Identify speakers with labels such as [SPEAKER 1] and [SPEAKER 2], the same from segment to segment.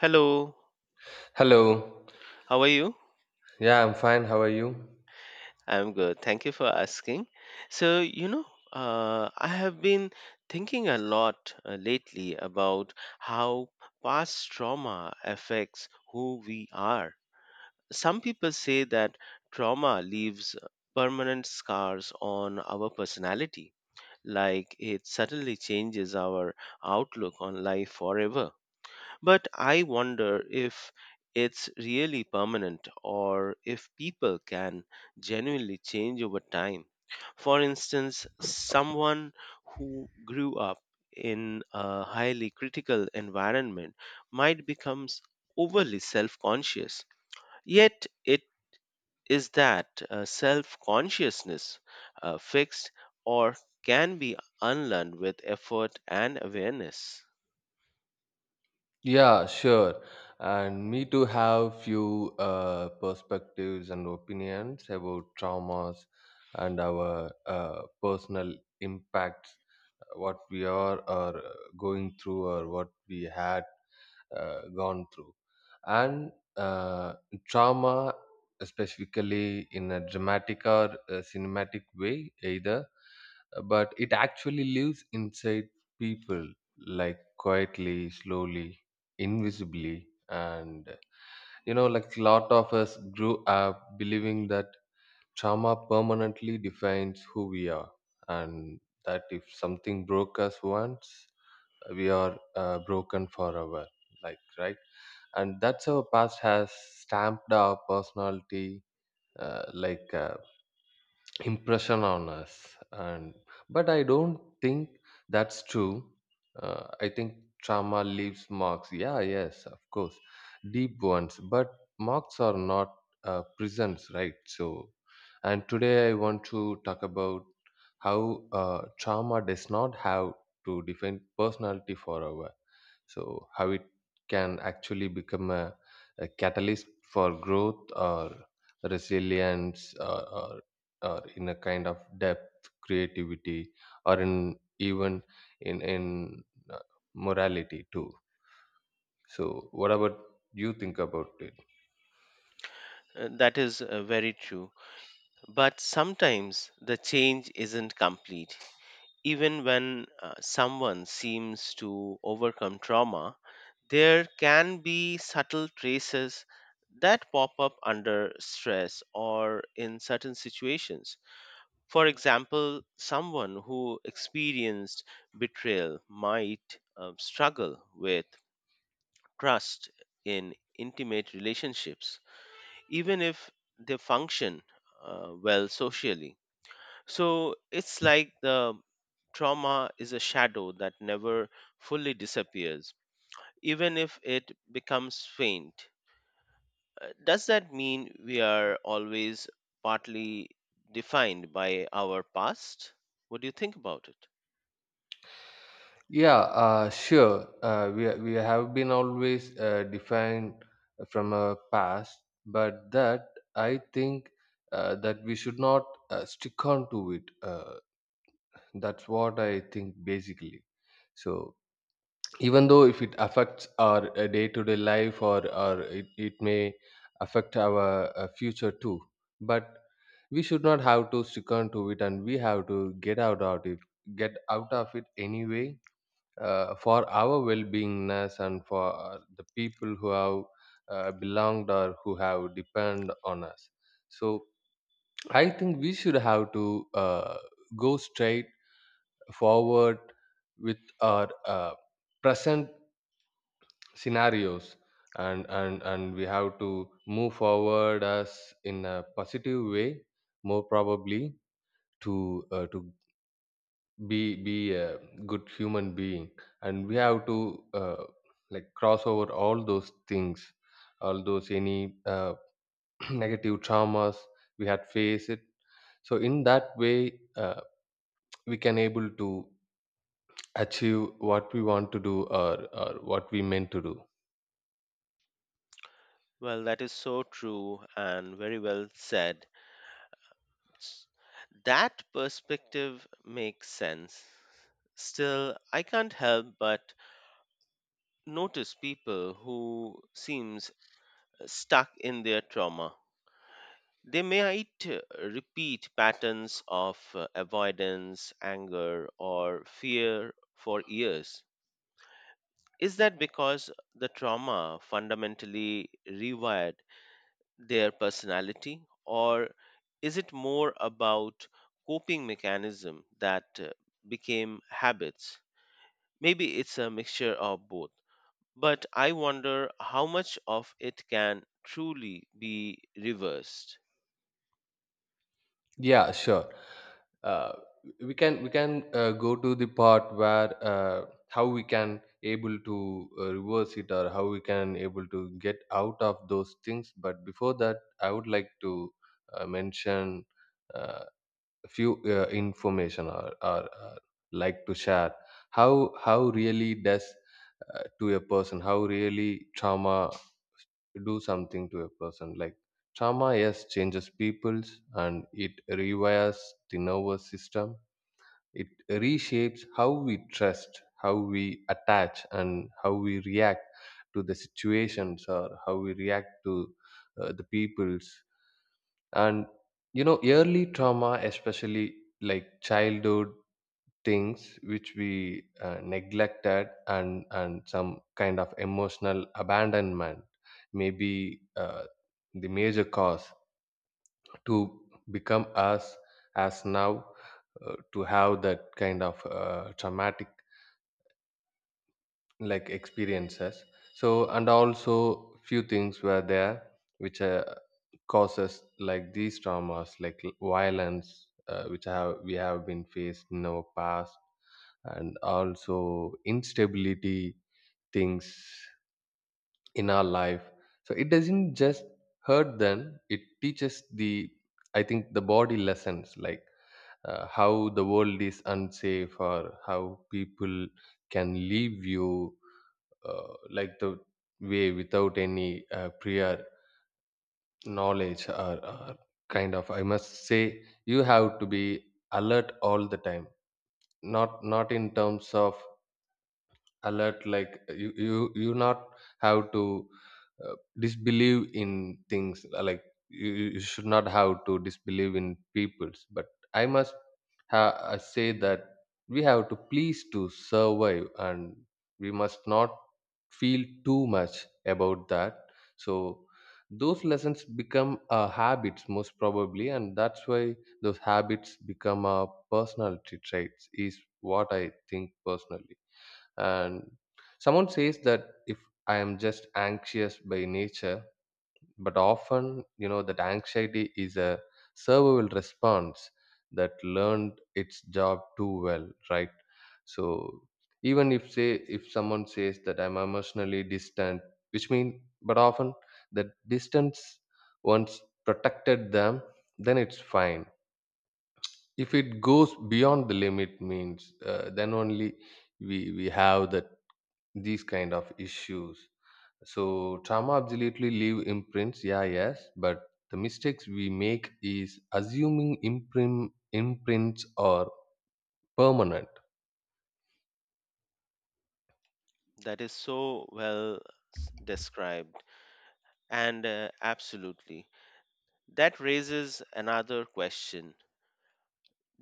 [SPEAKER 1] Hello,
[SPEAKER 2] Hello.
[SPEAKER 1] how are you?
[SPEAKER 2] Yeah, I'm fine. How are you?
[SPEAKER 1] I'm good. Thank you for asking. So, you know, I have been thinking a lot lately about how past trauma affects who we are. Some people say that trauma leaves permanent scars on our personality, like it suddenly changes our outlook on life forever. But I wonder if it's really permanent or if people can genuinely change over time. For instance, someone who grew up in a highly critical environment might become overly self conscious. Yet, it is that self consciousness fixed or can be unlearned with effort and awareness?
[SPEAKER 2] Yeah, sure. And me too have few perspectives and opinions about traumas and our personal impacts, what we are or going through or what we had gone through. And uh, trauma, specifically in a dramatic or a cinematic way, either, but it actually lives inside people, like, quietly, slowly, invisibly. And you know, like, a lot of us grew up believing that trauma permanently defines who we are, and that if something broke us once, we are broken forever, like, right? And that's, our past has stamped our personality, uh, like uh, impression on us, and but I don't think that's true. I think trauma leaves marks, yeah, yes, of course, deep ones, but marks are not prisons, right? So, and today I want to talk about how trauma does not have to define personality forever. So, how it can actually become a catalyst for growth, or resilience, or in a kind of depth, creativity, or in even in, in uh, morality too. So, what about, you think about it?
[SPEAKER 1] That is very true. But sometimes the change isn't complete. Even when someone seems to overcome trauma, there can be subtle traces that pop up under stress or in certain situations. For example, someone who experienced betrayal might struggle with trust in intimate relationships, even if they function well socially, so it's like the trauma is a shadow that never fully disappears, even if it becomes faint. Does that mean we are always partly defined by our past? What do you think about it?
[SPEAKER 2] Yeah, sure. We have been always defined from our past, but that I think that we should not stick on to it. That's what I think basically. So, even though if it affects our day-to-day life, or, it, may affect our future too, but we should not have to stick on to it, and we have to get out of it, get out of it anyway, for our well-beingness, and for the people who have belonged or who have depend on us. So, I think we should have to go straight forward with our present scenarios. And we have to move forward as in a positive way, more probably, to be a good human being. And we have to like cross over all those things, all those, any negative traumas we had faced it. So, in that way, we can able to achieve what we want to do, or what we meant to do.
[SPEAKER 1] Well, that is so true and very well said. S- That perspective makes sense. Still, I can't help but notice people who seems stuck in their trauma. They might repeat patterns of avoidance, anger, or fear for years. Is that because the trauma fundamentally rewired their personality, or is it more about coping mechanism that became habits? Maybe it's a mixture of both, but I wonder how much of it can truly be reversed.
[SPEAKER 2] Yeah, sure. uh, we can go to the part where how we can able to reverse it, or how we can able to get out of those things. But before that, I would like to mention uh, few information, or, like to share how, really does, to a person, how really trauma do something to a person. Like, trauma, yes, changes peoples, and it rewires the nervous system. It reshapes how we trust, how we attach, and how we react to the situations, or how we react to the peoples. And you know, early trauma, especially like childhood things which we neglected, and some kind of emotional abandonment, may be the major cause to become us as now to have that kind of traumatic, like, experiences. So, and also few things were there which causes like these traumas, like violence, which have, we have been faced in our past, and also instability things in our life. So, it doesn't just hurt, then it teaches the, I think, the body lessons like how the world is unsafe, or how people can leave you, like, the way without any prior knowledge, or, kind of, I must say, you have to be alert all the time. Not, in terms of alert like, you, you not have to disbelieve in things, like, you, you should not have to disbelieve in peoples, but I must, I say that we have to please to survive, and we must not feel too much about that. So, those lessons become habits most probably, and that's why those habits become a personality traits, is what I think personally. And someone says that, if I am just anxious by nature, but often, you know, that anxiety is a survival response that learned its job too well, right? So, even if, say, if someone says that I'm emotionally distant, which means, but often the distance once protected them, then it's fine. If it goes beyond the limit means, then only we have that, these kind of issues. So, trauma absolutely leave imprints, yeah, yes, but the mistakes we make is assuming imprints are permanent.
[SPEAKER 1] That is so well described. And absolutely. That raises another question.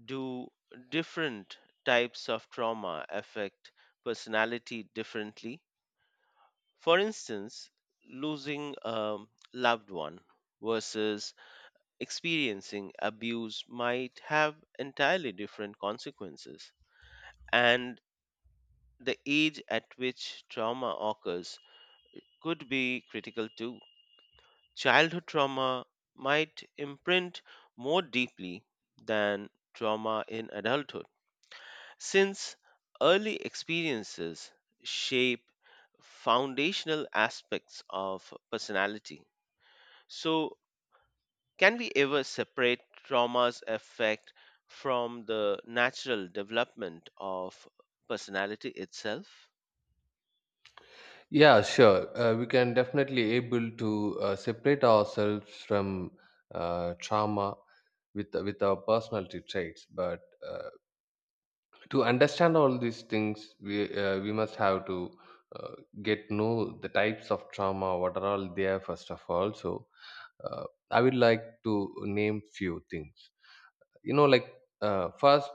[SPEAKER 1] Do different types of trauma affect personality differently? For instance, losing a loved one versus experiencing abuse might have entirely different consequences. And the age at which trauma occurs could be critical too. Childhood trauma might imprint more deeply than trauma in adulthood, since early experiences shape foundational aspects of personality. So, can we ever separate trauma's effect from the natural development of personality itself?
[SPEAKER 2] Yeah, sure. We can definitely able to separate ourselves from trauma with our personality traits, but uh, to understand all these things, we must have to uh, get know the types of trauma, what are all there, first of all. So, uh, I would like to name few things, you know, like, first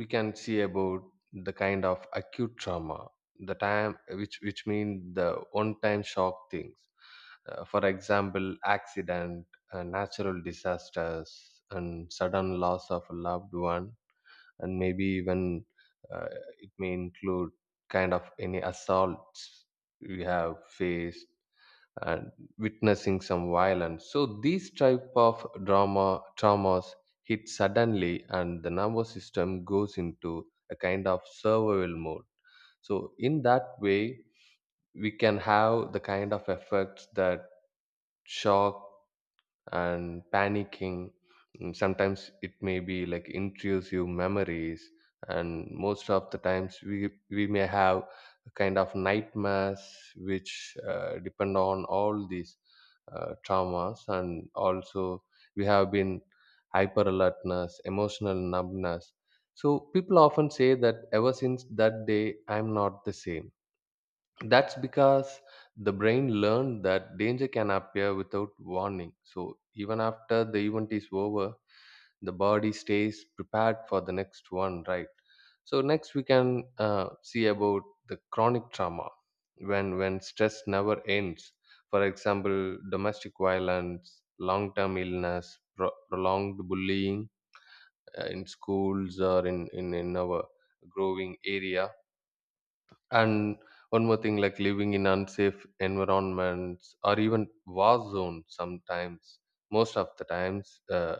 [SPEAKER 2] we can see about the kind of acute trauma, the time which, mean the one time shock things. For example, accident, natural disasters, and sudden loss of a loved one, and maybe even, uh, it may include kind of any assaults we have faced, and witnessing some violence. So, these type of drama traumas hit suddenly, and the nervous system goes into a kind of survival mode. So, in that way, we can have the kind of effects that shock and panicking. Sometimes it may be like intrusive memories, and most of the times we may have a kind of nightmares which depend on all these traumas, and also we have been hyper alertness, emotional numbness. So, people often say that ever since that day, I'm not the same. That's because the brain learned that danger can appear without warning. So, even after the event is over, the body stays prepared for the next one, right? So, next we can see about the chronic trauma, when, stress never ends. For example, domestic violence, long-term illness, prolonged bullying, in schools, or in, in our growing area, and one more thing, like living in unsafe environments or even war zones sometimes, most of the times,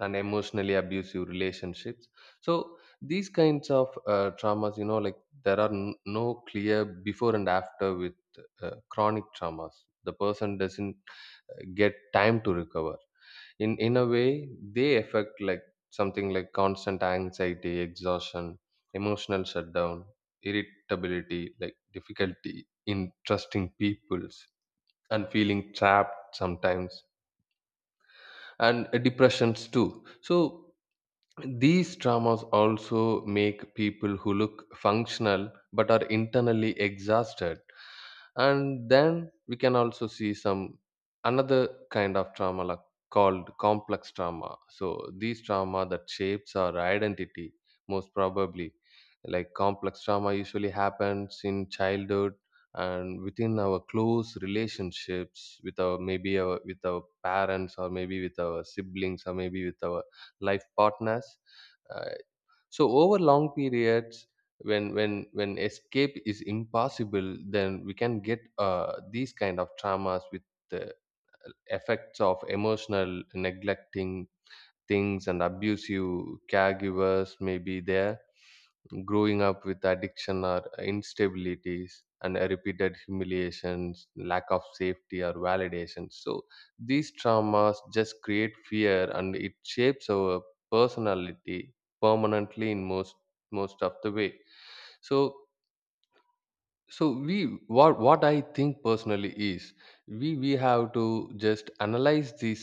[SPEAKER 2] and emotionally abusive relationships. So, these kinds of traumas, you know, like, there are no clear before and after with chronic traumas. The person doesn't get time to recover. In a way, they affect like something like constant anxiety, exhaustion, emotional shutdown, irritability, like difficulty in trusting peoples, and feeling trapped sometimes, and depressions too. So, these traumas also make people who look functional but are internally exhausted. And then we can also see some another kind of trauma, like, called complex trauma. So, these trauma that shapes our identity most probably. Like, complex trauma usually happens in childhood and within our close relationships, with our, maybe our, with our parents, or maybe with our siblings, or maybe with our life partners. uh, so, over long periods, when, when escape is impossible, then we can get these kind of traumas with the effects of emotional neglecting things, and abusive caregivers may be there, growing up with addiction or instabilities, and repeated humiliations, lack of safety or validation. So, these traumas just create fear, and it shapes our personality permanently, in most, of the way. So, we, what I think personally is, we have to just analyze. These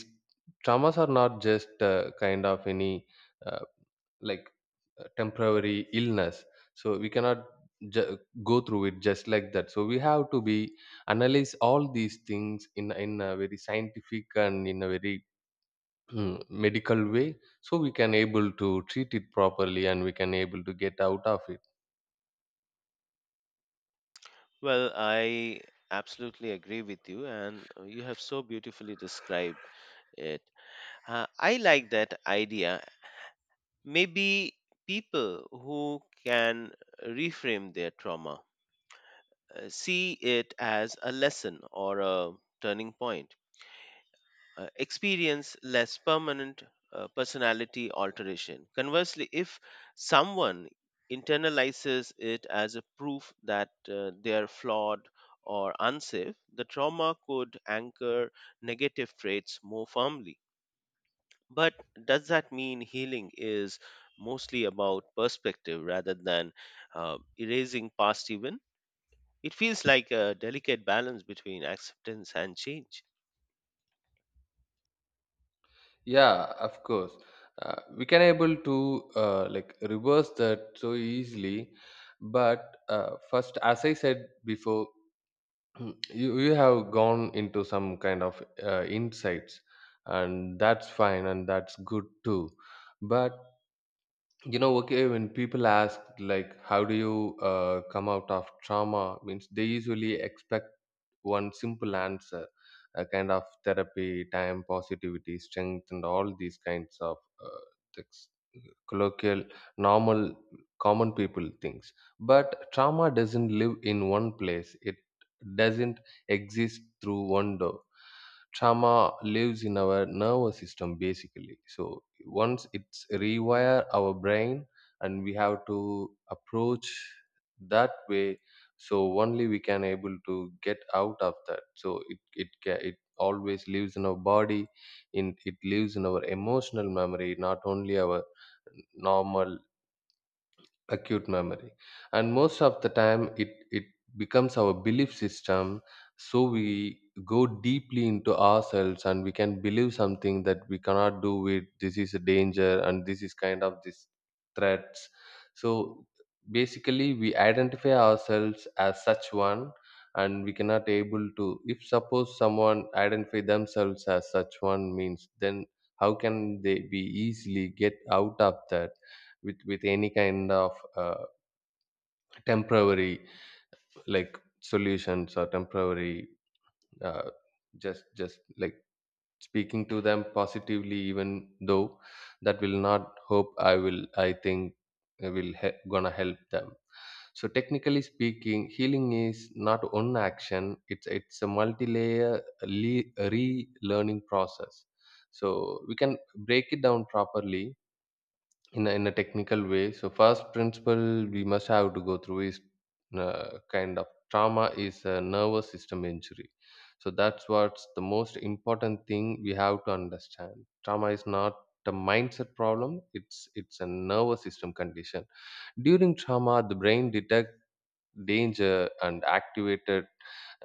[SPEAKER 2] traumas are not just kind of any, uh, like temporary illness. So, we cannot, ju- go through it just like that. So, we have to be analyze all these things, in, a very scientific, and in a very, medical way, so we can able to treat it properly, and we can able to get out of it.
[SPEAKER 1] Well, I absolutely agree with you, and you have so beautifully described it. I like that idea. Maybe people who can reframe their trauma see it as a lesson or a turning point, experience less permanent personality alteration. Conversely, if someone internalizes it as a proof that they are flawed or unsafe, the trauma could anchor negative traits more firmly. But does that mean healing is mostly about perspective rather than erasing past even? It feels like a delicate balance between acceptance and change.
[SPEAKER 2] Yeah, of course. We can able to like reverse that so easily, but first, as I said before, you have gone into some kind of insights, and that's fine, and that's good too. But okay, when people ask like, how do you come out of trauma means, they usually expect one simple answer, a kind of therapy, time, positivity, strength, and all these kinds of uh, things, colloquial, normal, common people things. But trauma doesn't live in one place. It doesn't exist through one door. Trauma lives in our nervous system, basically, so once it's rewire our brain, and we have to approach that way, so only we can able to get out of that. So it always lives in our body, in it lives in our emotional memory, not only our normal acute memory. And most of the time it becomes our belief system, so we go deeply into ourselves, and we can believe something that we cannot do with, this is a danger, and this is kind of this threats. So basically we identify ourselves as such one, and we cannot able to, if suppose someone identify themselves as such one means, then how can they be easily get out of that with any kind of uh, temporary, like, solutions, or temporary, uh, just like speaking to them positively, even though that will not, hope I will, I think, gonna help them. So technically speaking, healing is not one action. It's a multi-layer, le- relearning process. So we can break it down properly, in a technical way. So first principle we must have to go through is, kind of, trauma is a nervous system injury. So that's what's the most important thing we have to understand. Trauma is not a mindset problem, it's a nervous system condition. During trauma, the brain detect danger and activated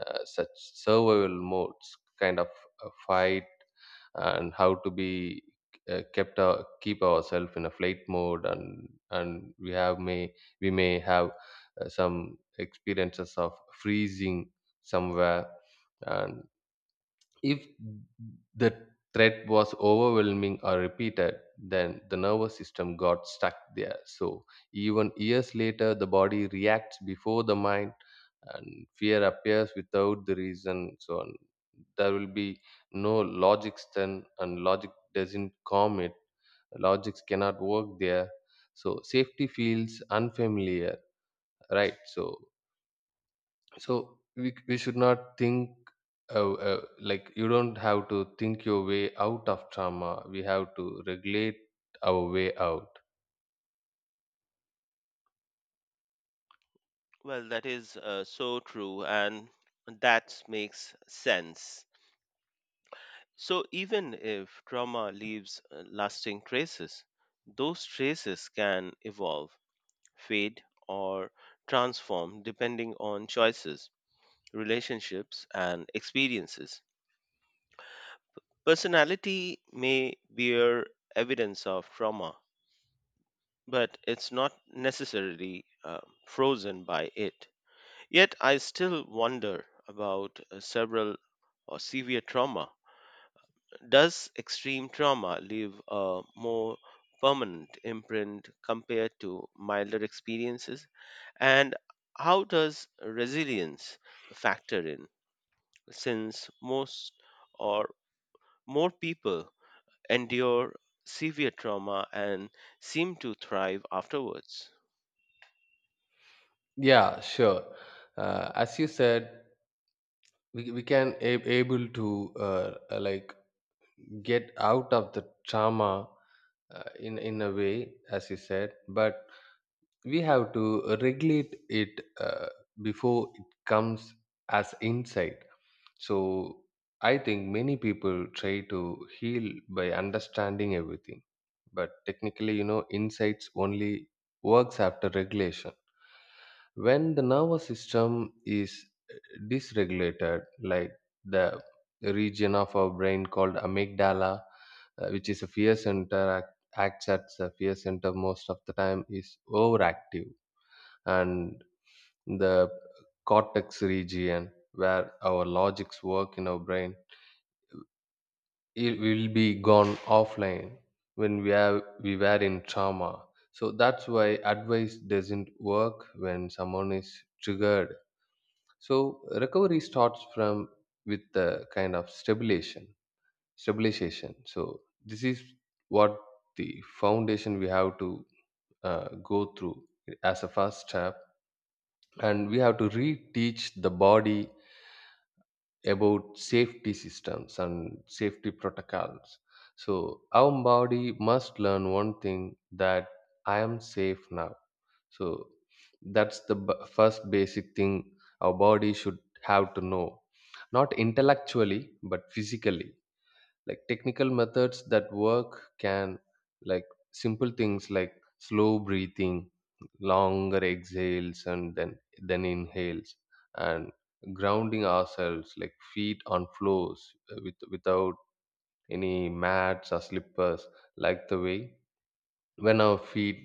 [SPEAKER 2] such survival modes, kind of a fight, and how to be keep ourselves in a flight mode. And we may have some experiences of freezing somewhere. And if the threat was overwhelming or repeated, then the nervous system got stuck there. So even years later, the body reacts before the mind, and fear appears without the reason. So on, there will be no logic then, and logic doesn't calm it. Logics cannot work there. So safety feels unfamiliar, right? So we should not think, like, you don't have to think your way out of trauma. We have to regulate our way out.
[SPEAKER 1] Well, that is so true, and that makes sense. So, even if trauma leaves lasting traces, those traces can evolve, fade, or transform depending on choices, relationships, and experiences. Personality may bear evidence of trauma, but it's not necessarily frozen by it. Yet, I still wonder about several or severe trauma. Does extreme trauma leave a more permanent imprint compared to milder experiences? And how does resilience factor in, since most or more people endure severe trauma and seem to thrive afterwards?
[SPEAKER 2] Yeah, sure. As you said, we can able to like get out of the trauma, in a way, as you said. But we have to regulate it, before it comes as insight. So I think many people try to heal by understanding everything, but technically, you know, insights only works after regulation. When the nervous system is eh, dysregulated, like, the region of our brain called amygdala, which is a fear center, acts as a fear center most of the time, is overactive, and the cortex region where our logics work in our brain, it will be gone offline when we were in trauma. So that's why advice doesn't work when someone is triggered. So recovery starts from with the kind of stabilization, stabilization. So this is what the foundation we have to go through as a first step. And we have to reteach the body about safety systems and safety protocols. So our body must learn one thing, that I am safe now. So that's the first basic thing our body should have to know, not intellectually but physically. Like, technical methods that work can, like, simple things like slow breathing, longer exhales and then inhales, and grounding ourselves like feet on floors, with, without any mats or slippers. Like, the way when our feet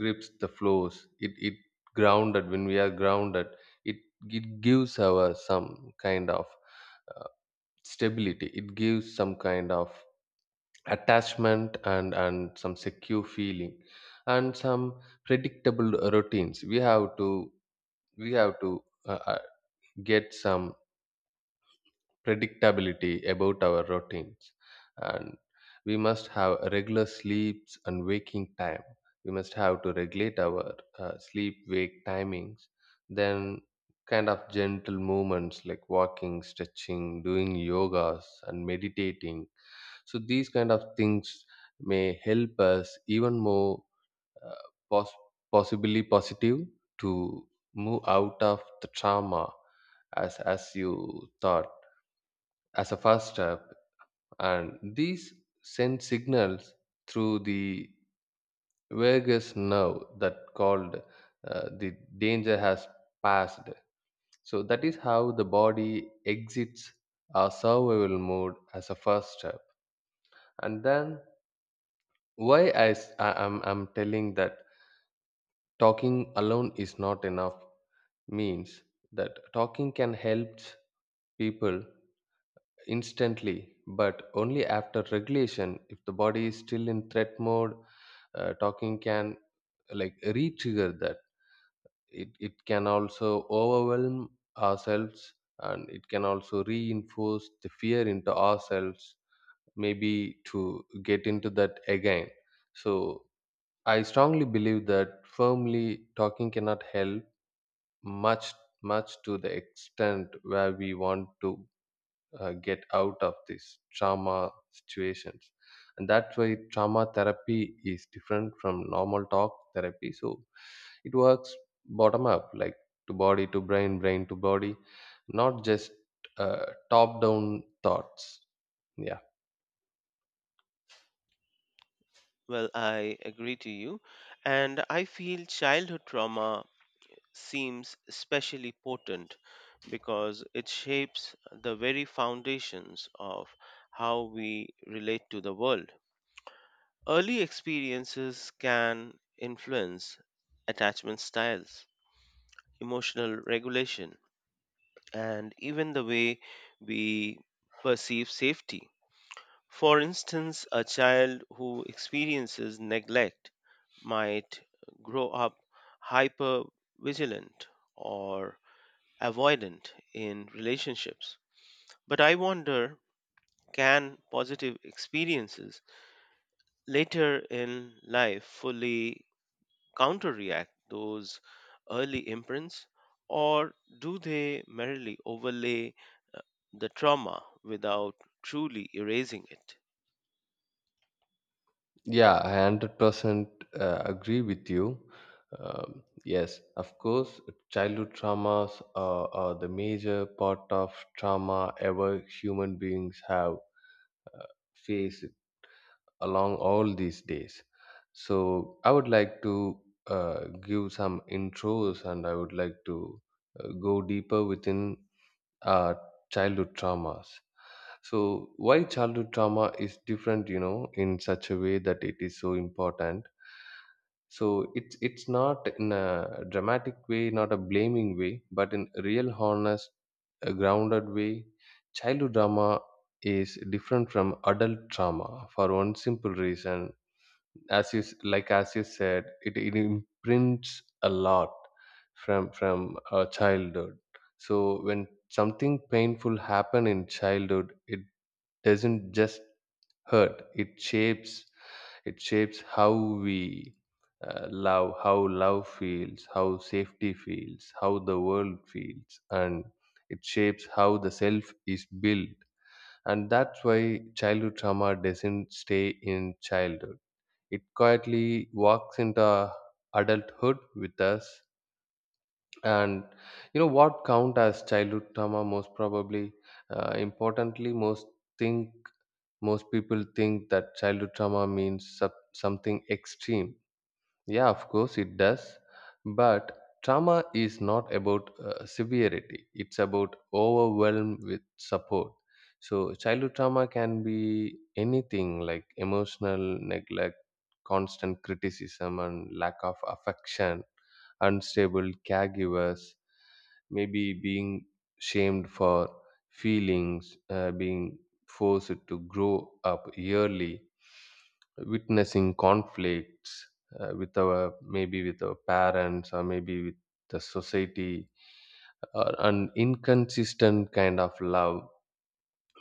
[SPEAKER 2] grips the floors, it grounded. When we are grounded, it it gives our some kind of uh, stability. It gives some kind of attachment and some secure feeling. And some predictable routines we have to, we have to get some predictability about our routines. And we must have regular sleeps and waking time. We must have to regulate our sleep wake timings. Then, kind of gentle movements like walking, stretching, doing yogas and meditating. So these kind of things may help us even more, uh, pos- possibly positive, to move out of the trauma, as you thought, as a first step. And these send signals through the vagus nerve that called the danger has passed. So that is how the body exits our survival mode as a first step. And then, why I, s- I am I'm telling that talking alone is not enough means that talking can help people instantly, but only after regulation. If the body is still in threat mode, talking can, like, re-trigger that. It can also overwhelm ourselves, and it can also reinforce the fear into ourselves, maybe to get into that again. So I strongly believe that firmly talking cannot help much, much to the extent where we want to get out of these trauma situations. And that's why trauma therapy is different from normal talk therapy. So it works bottom up, like, to body to brain, brain to body, not just top down thoughts. Yeah.
[SPEAKER 1] Well, I agree to you, and I feel childhood trauma seems especially potent because it shapes the very foundations of how we relate to the world. Early experiences can influence attachment styles, emotional regulation, and even the way we perceive safety. For instance, a child who experiences neglect might grow up hyper vigilant or avoidant in relationships. But I wonder, can positive experiences later in life fully counteract those early imprints, or do they merely overlay the trauma without truly erasing it?
[SPEAKER 2] Yeah, I 100% agree with you. Yes, of course, childhood traumas are the major part of trauma ever human beings have uh, faced along all these days. So I would like to uh, give some intros, and I would like to go deeper within uh, childhood traumas. So why childhood trauma is different, you know, in such a way that it is so important. So it's not in a dramatic way, not a blaming way, but in real honest, a grounded way. Childhood drama is different from adult trauma for one simple reason. As you like, as you said, it imprints a lot from childhood. So when something painful happen in childhood, it doesn't just hurt; it shapes, it shapes how we love, how love feels, how safety feels, how the world feels, and it shapes how the self is built. And that's why childhood trauma doesn't stay in childhood. It quietly walks into adulthood with us. And you know what count as childhood trauma, most probably, importantly, think most people think that childhood trauma means something extreme. Yeah, of course it does. But trauma is not about severity, it's about overwhelm with support. So childhood trauma can be anything like emotional neglect, constant criticism, and lack of affection, unstable caregivers, maybe being shamed for feelings, being forced to grow up early, witnessing conflicts with our, maybe with our parents, or maybe with the society, or an inconsistent kind of love,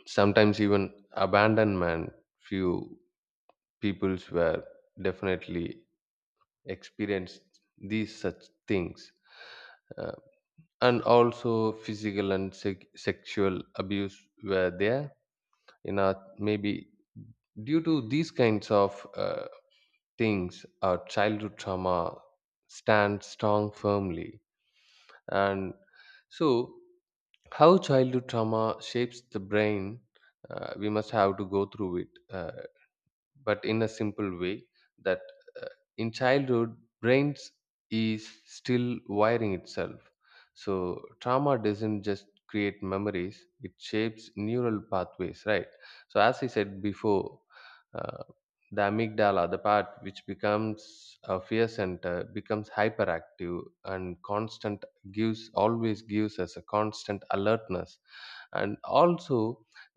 [SPEAKER 2] sometimes even abandonment. Few peoples were definitely experienced these such things. Uh, and also physical and sexual abuse were there, you know, maybe due to these kinds of things our childhood trauma stands strong firmly. And so, how childhood trauma shapes the brain, we must have to go through it, but in a simple way that, uh, in childhood brains is still wiring itself, so trauma doesn't just create memories, it shapes neural pathways, right? So as I said before, uh, the amygdala, the part which becomes a fear center, becomes hyperactive, and constant gives, always gives us a constant alertness. And also,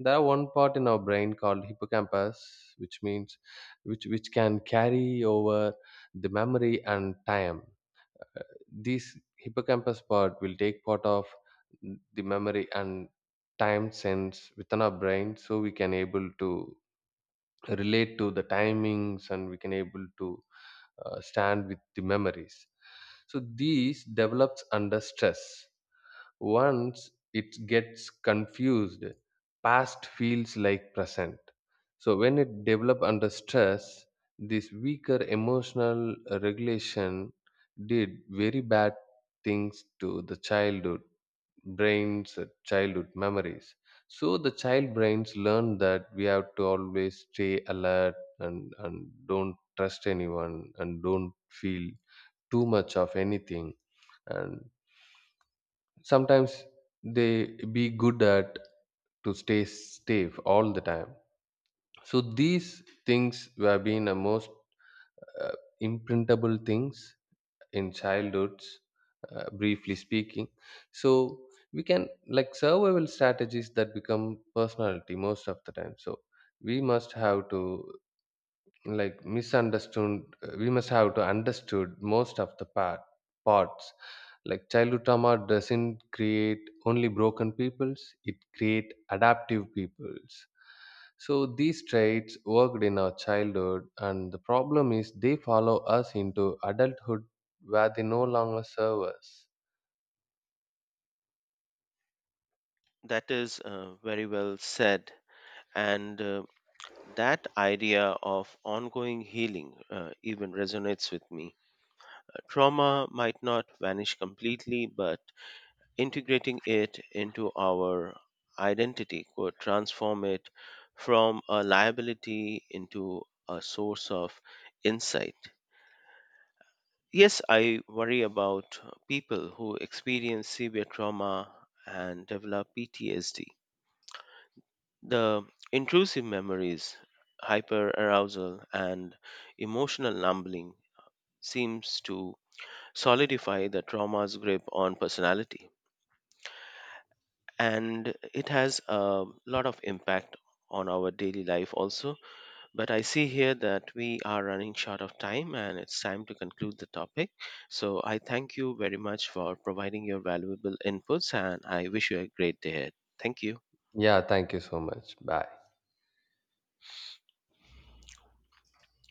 [SPEAKER 2] there are one part in our brain called hippocampus, which means which can carry over the memory and time. This hippocampus part will take part of the memory and time sense within our brain, so we can able to relate to the timings, and we can able to stand with the memories. So these develops under stress, once it gets confused, past feels like present. So when it develop under stress, this weaker emotional regulation did very bad things to the childhood brains, childhood memories. So the child brains learn that we have to always stay alert, and don't trust anyone, and don't feel too much of anything, and sometimes they be good at to stay safe all the time. So these things have been the most uh, imprintable things in childhoods, briefly speaking. So we can, like, survival strategies that become personality most of the time. So we must have to, like, misunderstood, we must have to understood most of the parts, like, childhood trauma doesn't create only broken peoples, it create adaptive peoples. So these traits worked in our childhood, and the problem is they follow us into adulthood where they no longer serve us.
[SPEAKER 1] That is very well said. And that idea of ongoing healing even resonates with me. Trauma might not vanish completely, but integrating it into our identity could transform it from a liability into a source of insight. Yes, I worry about people who experience severe trauma and develop PTSD. The intrusive memories, hyperarousal, and emotional numbing seems to solidify the trauma's grip on personality, and it has a lot of impact on our daily life also. But I see here that we are running short of time and it's time to conclude the topic, so I thank you very much for providing your valuable inputs and I wish you a great day ahead. Thank you.
[SPEAKER 2] Yeah, thank you so much, bye.